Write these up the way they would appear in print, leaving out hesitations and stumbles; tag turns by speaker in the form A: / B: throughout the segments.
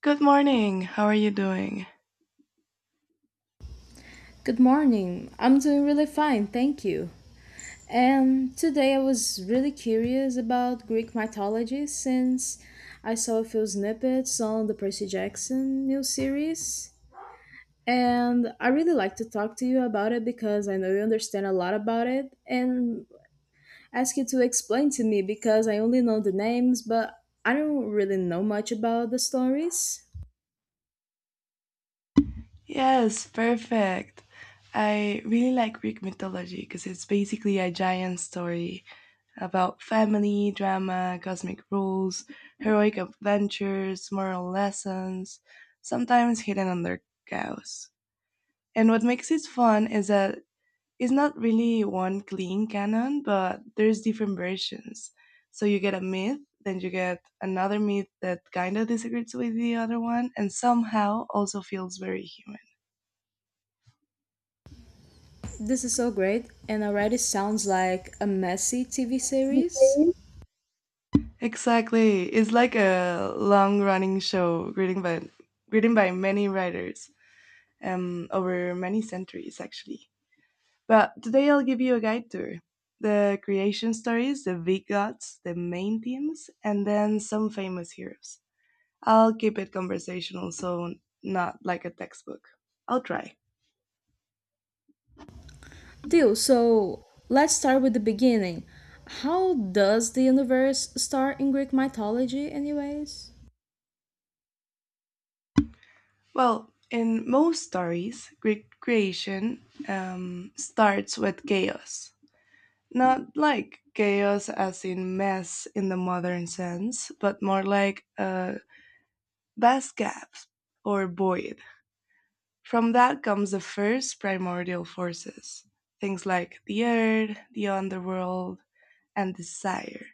A: Good morning. How are you doing?
B: Good morning. I'm doing really fine, thank you. And today I was really curious about Greek mythology since I saw a few snippets on the Percy Jackson new series. And I really like to talk to you about it because I know you understand a lot about it and ask you to explain to me because I only know the names, but I don't really know much about the stories.
A: Yes, perfect. I really like Greek mythology because it's basically a giant story about family, drama, cosmic rules, heroic adventures, moral lessons, sometimes hidden under chaos. And what makes it fun is that it's not really one clean canon, but there's different versions. So you get a myth, then you get another myth that kind of disagrees with the other one, and somehow also feels very human.
B: This is so great and already sounds like a messy TV series.
A: Exactly, it's like a long-running show, written by many writers over many centuries, actually. But today I'll give you a guide tour the creation stories, the big gods, the main themes, and then some famous heroes. I'll keep it conversational, so not like a textbook. I'll try.
B: Deal. So let's start with the beginning. How does the universe start in Greek mythology, anyways?
A: Well, in most stories, Greek creation starts with chaos. Not like chaos as in mess in the modern sense, but more like a vast gap or void. From that comes the first primordial forces, things like the earth, the underworld, and desire.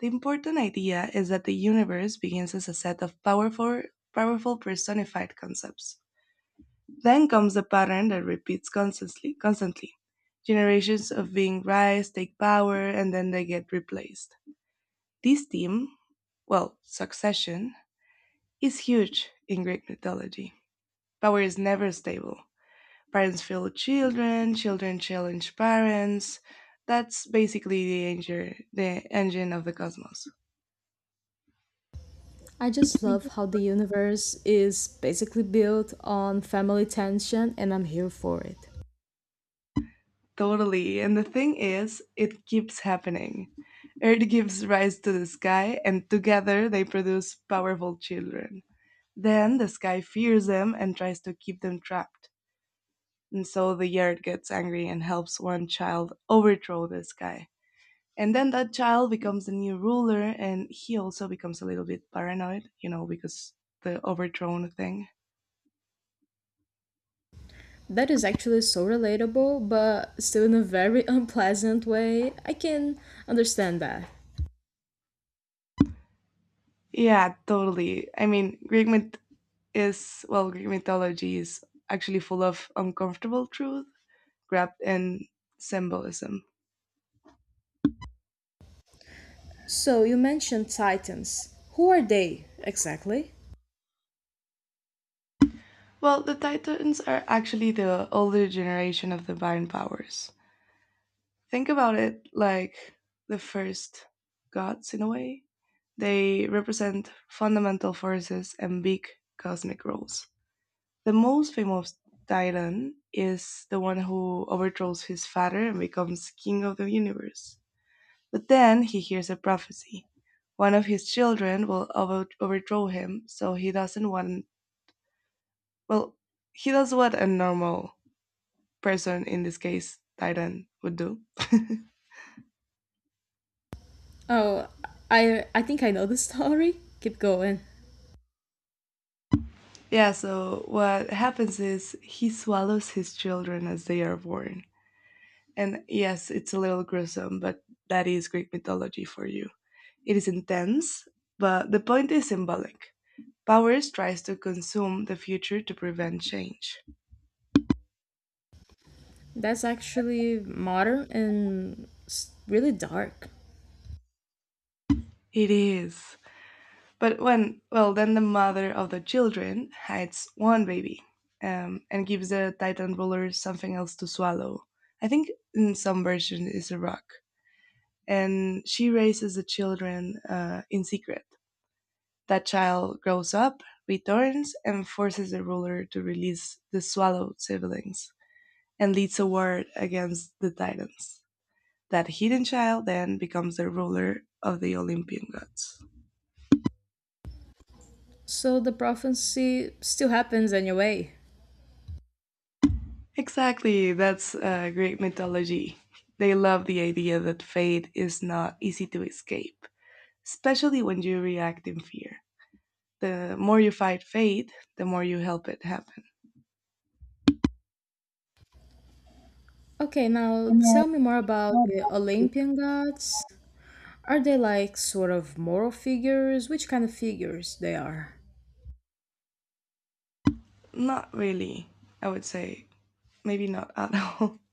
A: The important idea is that the universe begins as a set of powerful personified concepts. Then comes the pattern that repeats constantly. Generations of beings rise, take power, and then they get replaced. This theme, well, succession, is huge in Greek mythology. Power is never stable. Parents fail children, children challenge parents. That's basically the engine of the cosmos.
B: I just love how the universe is basically built on family tension, and I'm here for it.
A: Totally. And the thing is, it keeps happening. Earth gives rise to the sky, and together they produce powerful children. Then the sky fears them and tries to keep them trapped. And so the earth gets angry and helps one child overthrow the sky. And then that child becomes the new ruler, and he also becomes a little bit paranoid, you know, because the overthrown thing.
B: That is actually so relatable, but still in a very unpleasant way. I can understand that.
A: Yeah, totally. I mean, Greek mythology is actually full of uncomfortable truth wrapped in symbolism.
B: So you mentioned Titans. Who are they exactly?
A: Well, the Titans are actually the older generation of divine powers. Think about it like the first gods in a way. They represent fundamental forces and big cosmic roles. The most famous Dylan is the one who overthrows his father and becomes king of the universe. But then he hears a prophecy. One of his children will overthrow him, so he doesn't want. Well, he does what a normal person, in this case, Dylan, would do.
B: Oh, I think I know the story. Keep going.
A: Yeah, so what happens is he swallows his children as they are born. And yes, it's a little gruesome, but that is Greek mythology for you. It is intense, but the point is symbolic. Powers tries to consume the future to prevent change.
B: That's actually modern and really dark.
A: It is. But when, well, then the mother of the children hides one baby and gives the Titan ruler something else to swallow. I think in some version is a rock. And she raises the children in secret. That child grows up, returns, and forces the ruler to release the swallowed siblings, and leads a war against the Titans. That hidden child then becomes the ruler of the Olympian gods.
B: So the prophecy still happens anyway.
A: Exactly, that's Greek mythology. They love the idea that fate is not easy to escape, especially when you react in fear. The more you fight fate, the more you help it happen.
B: Okay, now tell me more about the Olympian gods. Are they like sort of moral figures? Which kind of figures they are?
A: Not really, I would say. Maybe not at all.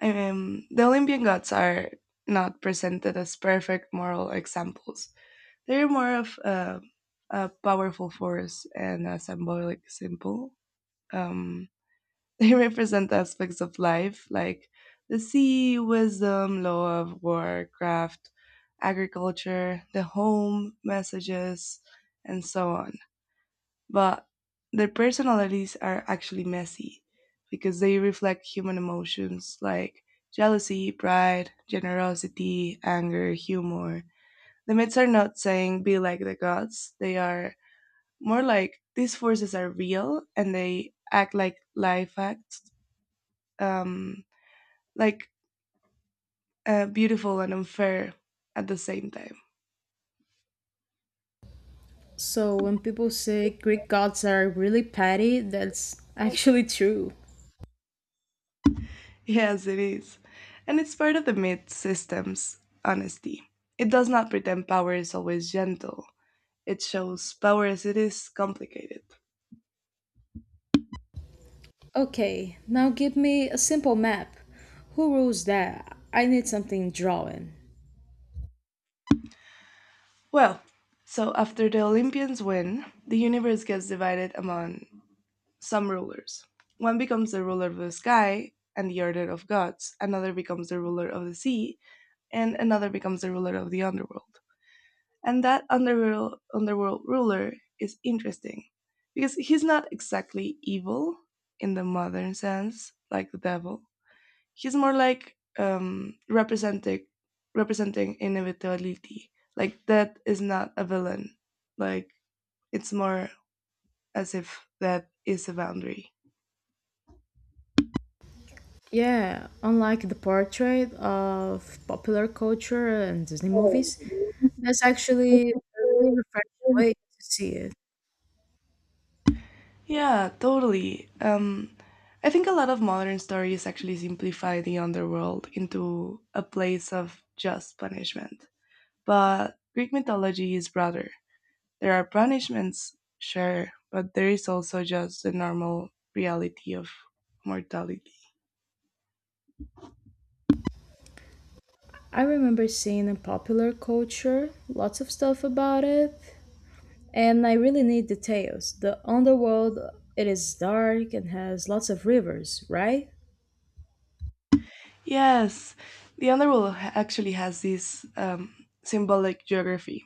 A: The Olympian gods are not presented as perfect moral examples. They're more of a powerful force and a symbolic symbol. Um, they represent aspects of life like the sea, wisdom, love, war, craft, agriculture, the home, messages, and so on. But their personalities are actually messy because they reflect human emotions like jealousy, pride, generosity, anger, humor. The myths are not saying be like the gods. They are more like these forces are real and they act like life acts, um, like beautiful and unfair at the same time.
B: So when people say Greek gods are really petty, that's actually true.
A: Yes, it is. And it's part of the myth system's honesty. It does not pretend power is always gentle, it shows power as it is complicated.
B: Okay, now give me a simple map. Who rules that? I need something drawing.
A: Well, so after the Olympians win, the universe gets divided among some rulers. One becomes the ruler of the sky and the order of gods, another becomes the ruler of the sea, and another becomes the ruler of the underworld. And that underworld ruler is interesting because he's not exactly evil in the modern sense, like the devil. He's more like representing inevitability. Like that is not a villain. Like it's more as if that is a boundary.
B: Yeah, unlike the portrait of popular culture and Disney movies, that's actually a really refreshing way to see it.
A: Yeah, totally. I think a lot of modern stories actually simplify the underworld into a place of just punishment. But Greek mythology is broader. There are punishments, sure, but there is also just the normal reality of mortality.
B: I remember seeing in popular culture lots of stuff about it, and I really need details. The underworld, it is dark and has lots of rivers, right?
A: Yes, the underworld actually has this symbolic geography.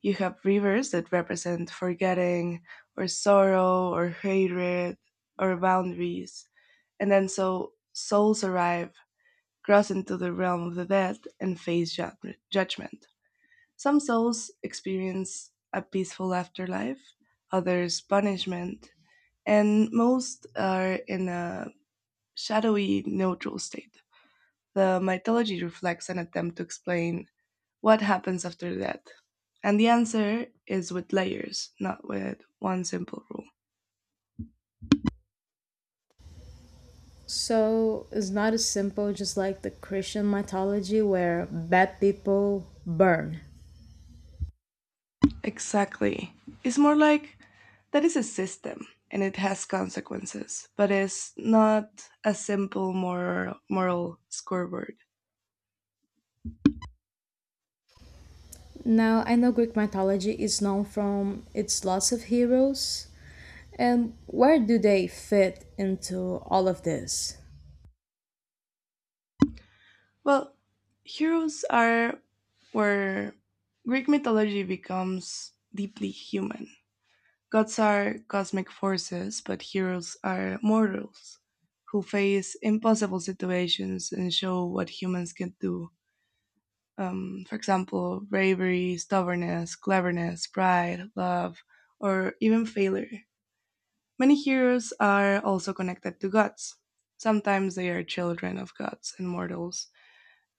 A: You have rivers that represent forgetting, or sorrow, or hatred, or boundaries, and then so souls arrive, cross into the realm of the dead, and face judgment. Some souls experience a peaceful afterlife, others punishment, and most are in a shadowy neutral state. The mythology reflects an attempt to explain what happens after death. And the answer is with layers, not with one simple rule.
B: So it's not as simple just like the Christian mythology where bad people burn.
A: Exactly. It's more like that is a system and it has consequences, but it's not a simple moral scoreboard.
B: Now, I know Greek mythology is known from its lots of heroes. And where do they fit into all of this?
A: Well, heroes are where Greek mythology becomes deeply human. Gods are cosmic forces, but heroes are mortals who face impossible situations and show what humans can do. For example, bravery, stubbornness, cleverness, pride, love, or even failure. Many heroes are also connected to gods. Sometimes they are children of gods and mortals.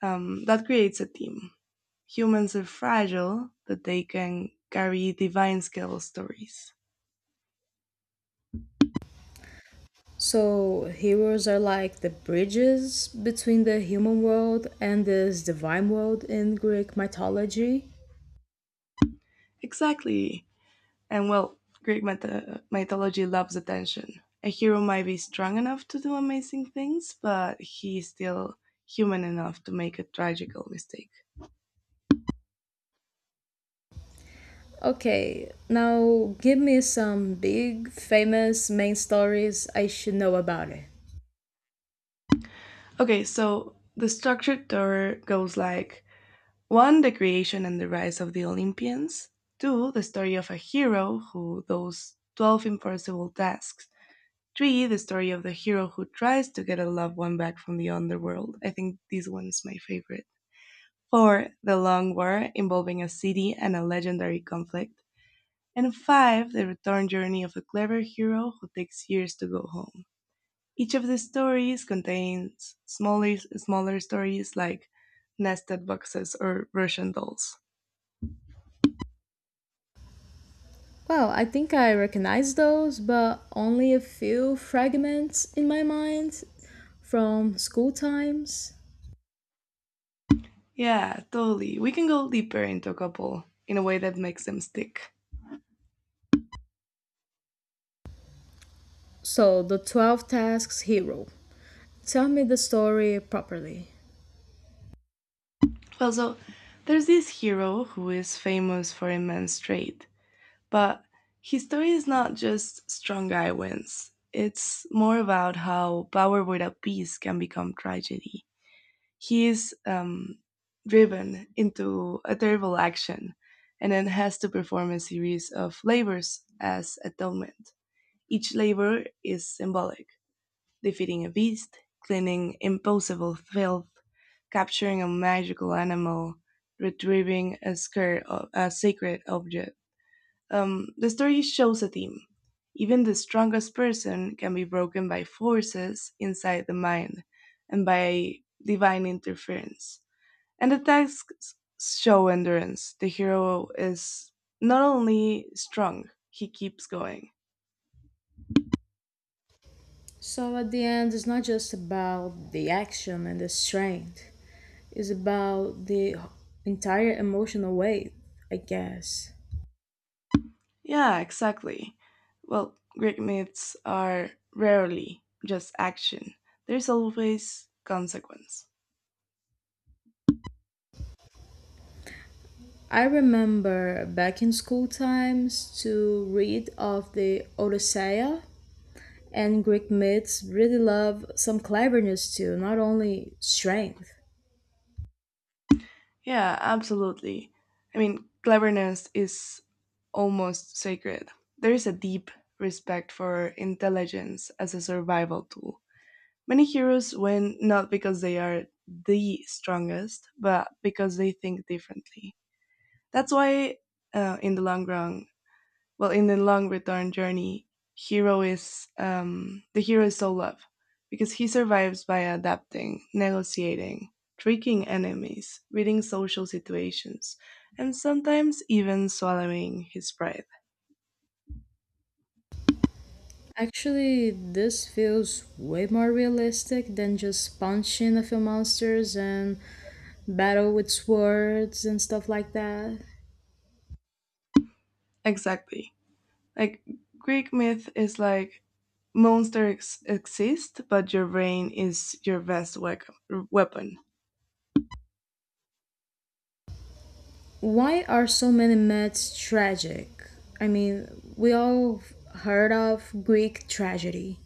A: That creates a team. Humans are fragile, but they can carry divine skill stories.
B: So, heroes are like the bridges between the human world and this divine world in Greek mythology.
A: Exactly. And well, mythology loves attention. A hero might be strong enough to do amazing things, but he's still human enough to make a tragical mistake.
B: Okay, now give me some big, famous main stories I should know about it.
A: Okay, so the structured tour goes like: 1. The creation and the rise of the Olympians. 2. The story of a hero who does 12 impossible tasks. 3. The story of the hero who tries to get a loved one back from the underworld. I think this one is my favorite. 4. The long war involving a city and a legendary conflict. And 5. The return journey of a clever hero who takes years to go home. Each of the stories contains smaller stories like nested boxes or Russian dolls.
B: Well, I think I recognize those, but only a few fragments in my mind from school times.
A: Yeah, totally. We can go deeper into a couple in a way that makes them stick.
B: So, the 12 tasks hero. Tell me the story properly.
A: Well, so there's this hero who is famous for immense trait, but his story is not just strong guy wins. It's more about how power without peace can become tragedy. He is driven into a terrible action and then has to perform a series of labors as atonement. Each labor is symbolic: defeating a beast, cleaning impossible filth, capturing a magical animal, retrieving a sacred object. The story shows a theme. Even the strongest person can be broken by forces inside the mind and by divine interference. And the tasks show endurance. The hero is not only strong, he keeps going.
B: So, at the end, it's not just about the action and the strength, it's about the entire emotional weight, I guess.
A: Yeah, exactly. Well, Greek myths are rarely just action, there's always consequence.
B: I remember back in school times to read of the Odyssey and Greek myths really love some cleverness too, not only strength.
A: Yeah, absolutely. I mean, cleverness is almost sacred. There is a deep respect for intelligence as a survival tool. Many heroes win not because they are the strongest, but because they think differently. That's why, in the long run, well, in the long return journey hero is the hero is so love because he survives by adapting, negotiating, tricking enemies, reading social situations, and sometimes even swallowing his pride.
B: Actually, this feels way more realistic than just punching a few monsters and battle with swords and stuff like that.
A: Exactly, like Greek myth is like monsters exist but your brain is your best weapon.
B: Why are so many myths tragic? I mean, we all heard of Greek tragedy.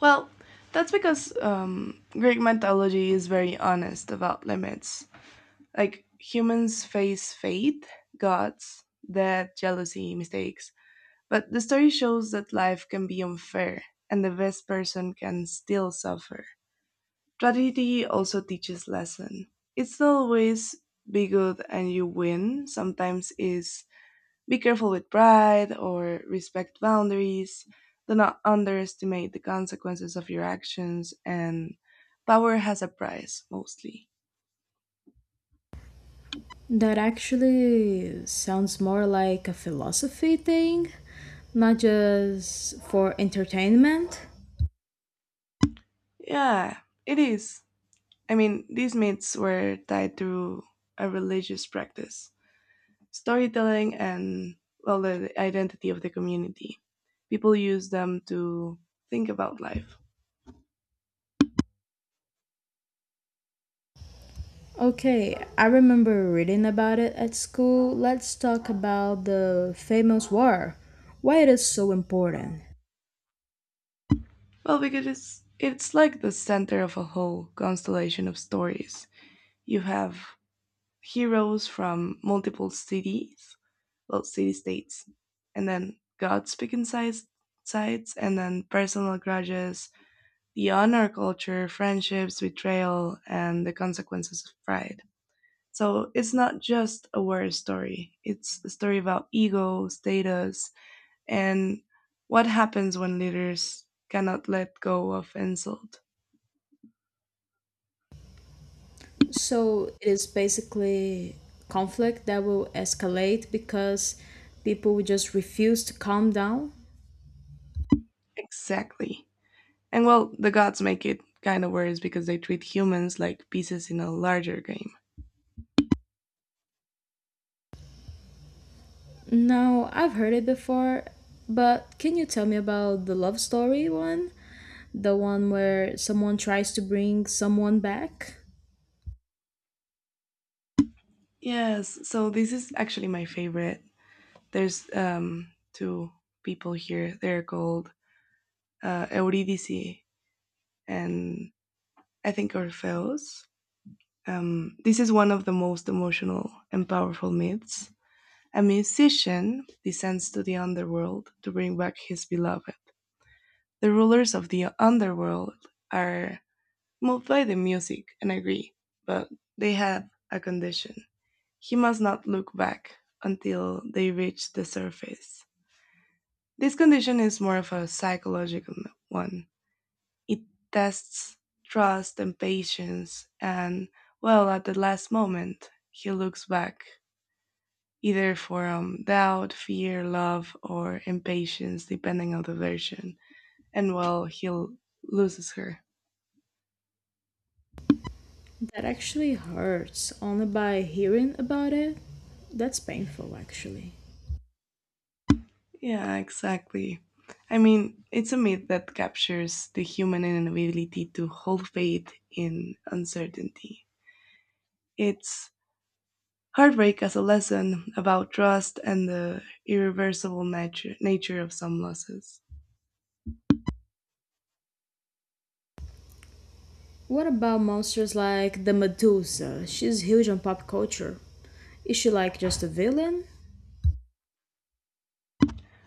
A: Well, that's because Greek mythology is very honest about limits, like humans face fate, gods, death, jealousy, mistakes. But the story shows that life can be unfair and the best person can still suffer. Tragedy also teaches lesson. It's not always be good and you win. Sometimes is be careful with pride or respect boundaries. Do not underestimate the consequences of your actions, and power has a price mostly.
B: That actually sounds more like a philosophy thing, not just for entertainment.
A: Yeah, it is. I mean, these myths were tied through a religious practice, storytelling, and, well, the identity of the community. People use them to think about life.
B: Okay, I remember reading about it at school. Let's talk about the famous war, why it is so important.
A: Well, because it's like the center of a whole constellation of stories. You have heroes from multiple cities, well, city states, and then gods pick sides, and then personal grudges, the honor culture, friendships, betrayal, and the consequences of pride. So it's not just a war story, it's a story about ego, status, and what happens when leaders cannot let go of insult.
B: So, it is basically conflict that will escalate because people will just refuse to calm down.
A: Exactly. And well, the gods make it kind of worse because they treat humans like pieces in a larger game.
B: No, I've heard it before, but can you tell me about the love story one? The one where someone tries to bring someone back?
A: Yes, so this is actually my favorite. There's two people here. They're called Eurydice and I think Orpheus. This is one of the most emotional and powerful myths. A musician descends to the underworld to bring back his beloved. The rulers of the underworld are moved by the music and agree, but they have a condition. He must not look back until they reach the surface. This condition is more of a psychological one. It tests trust and patience, and well, at the last moment, he looks back, either for doubt, fear, love, or impatience, depending on the version. And well, loses her.
B: That actually hurts only by hearing about it. That's painful, actually.
A: Yeah, exactly. I mean, it's a myth that captures the human inability to hold faith in uncertainty. It's heartbreak as a lesson about trust and the irreversible nature of some losses.
B: What about monsters like the Medusa? She's huge on pop culture. Is she like just a villain?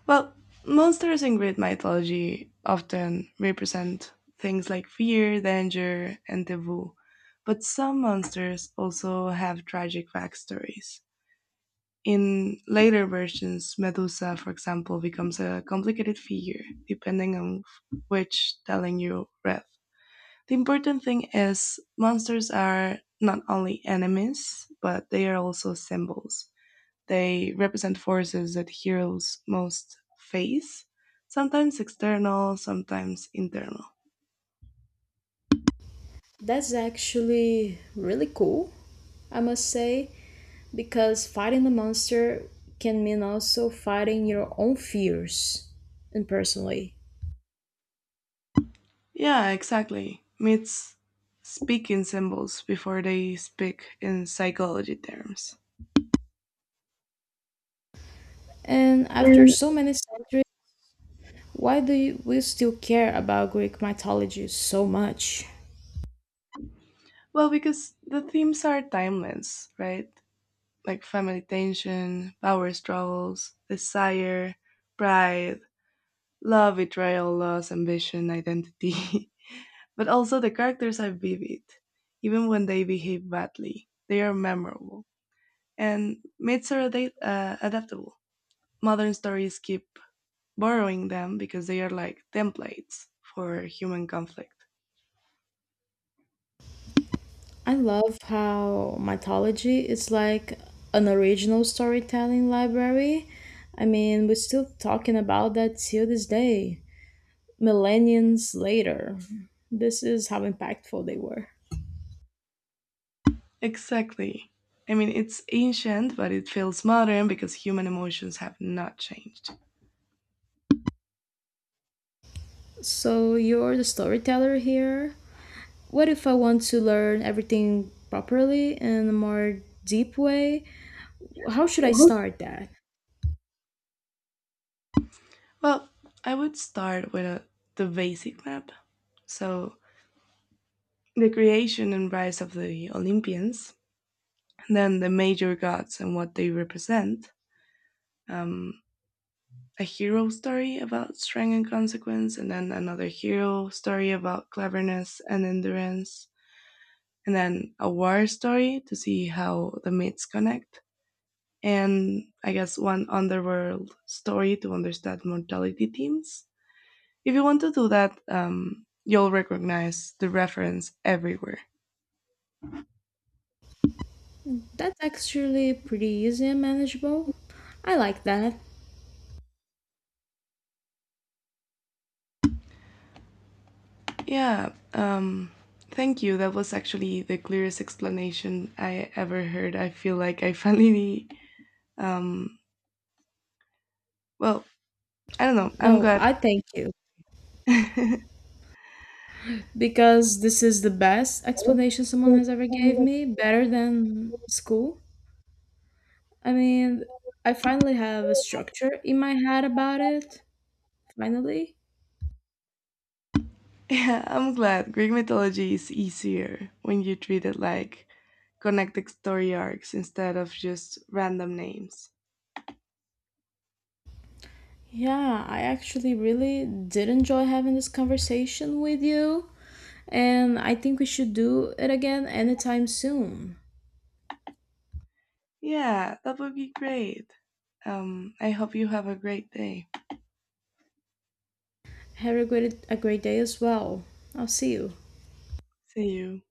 A: Well, monsters in Greek mythology often represent things like fear, danger, and taboo, but some monsters also have tragic backstories. In later versions, Medusa, for example, becomes a complicated figure, depending on which telling you read. The important thing is, monsters are not only enemies, but they are also symbols. They represent forces that heroes most face, sometimes external, sometimes internal.
B: That's actually really cool, I must say, because fighting the monster can mean also fighting your own fears and personally.
A: Yeah, exactly. Myths speak in symbols before they speak in psychology terms.
B: And after
A: And
B: so many centuries, why do we still care about Greek mythology so much?
A: well, because the themes are timeless, right? Like family tension, power struggles, desire, pride, love, betrayal, loss, ambition, identity. But also, the characters are vivid. Even when they behave badly, they are memorable. And myths are adaptable. Modern stories keep borrowing them because they are like templates for human conflict.
B: I love how mythology is like an original storytelling library. I mean, we're still talking about that till this day, millennials later. This is how impactful they were.
A: Exactly. I mean, it's ancient, but it feels modern because human emotions have not changed.
B: So you're the storyteller here. What if I want to learn everything properly in a more deep way? How should I start that?
A: Well, I would start with the basic map. So, the creation and rise of the Olympians, then the major gods and what they represent. Um, a hero story about strength and consequence, and then another hero story about cleverness and endurance, and then a war story to see how the myths connect, and I guess one underworld story to understand mortality themes. If you want to do that, you'll recognize the reference everywhere.
B: That's actually pretty easy and manageable. I like that.
A: Yeah, thank you. That was actually the clearest explanation I ever heard. I feel like I finally, um, well, I don't know. I'm
B: No,
A: glad.
B: I thank you
A: Yeah,
B: because this is the best explanation someone has ever gave me, better than school. I mean, I finally have a structure in my head about it. Finally,
A: I'm glad. Greek mythology is easier when you treat it like connected story arcs instead of just random names.
B: yeah, I actually really did enjoy having this conversation with you, and I think we should do it again anytime soon.
A: Yeah, that would be great. I hope you have a great day.
B: Have a great day as well. I'll see you.
A: See you.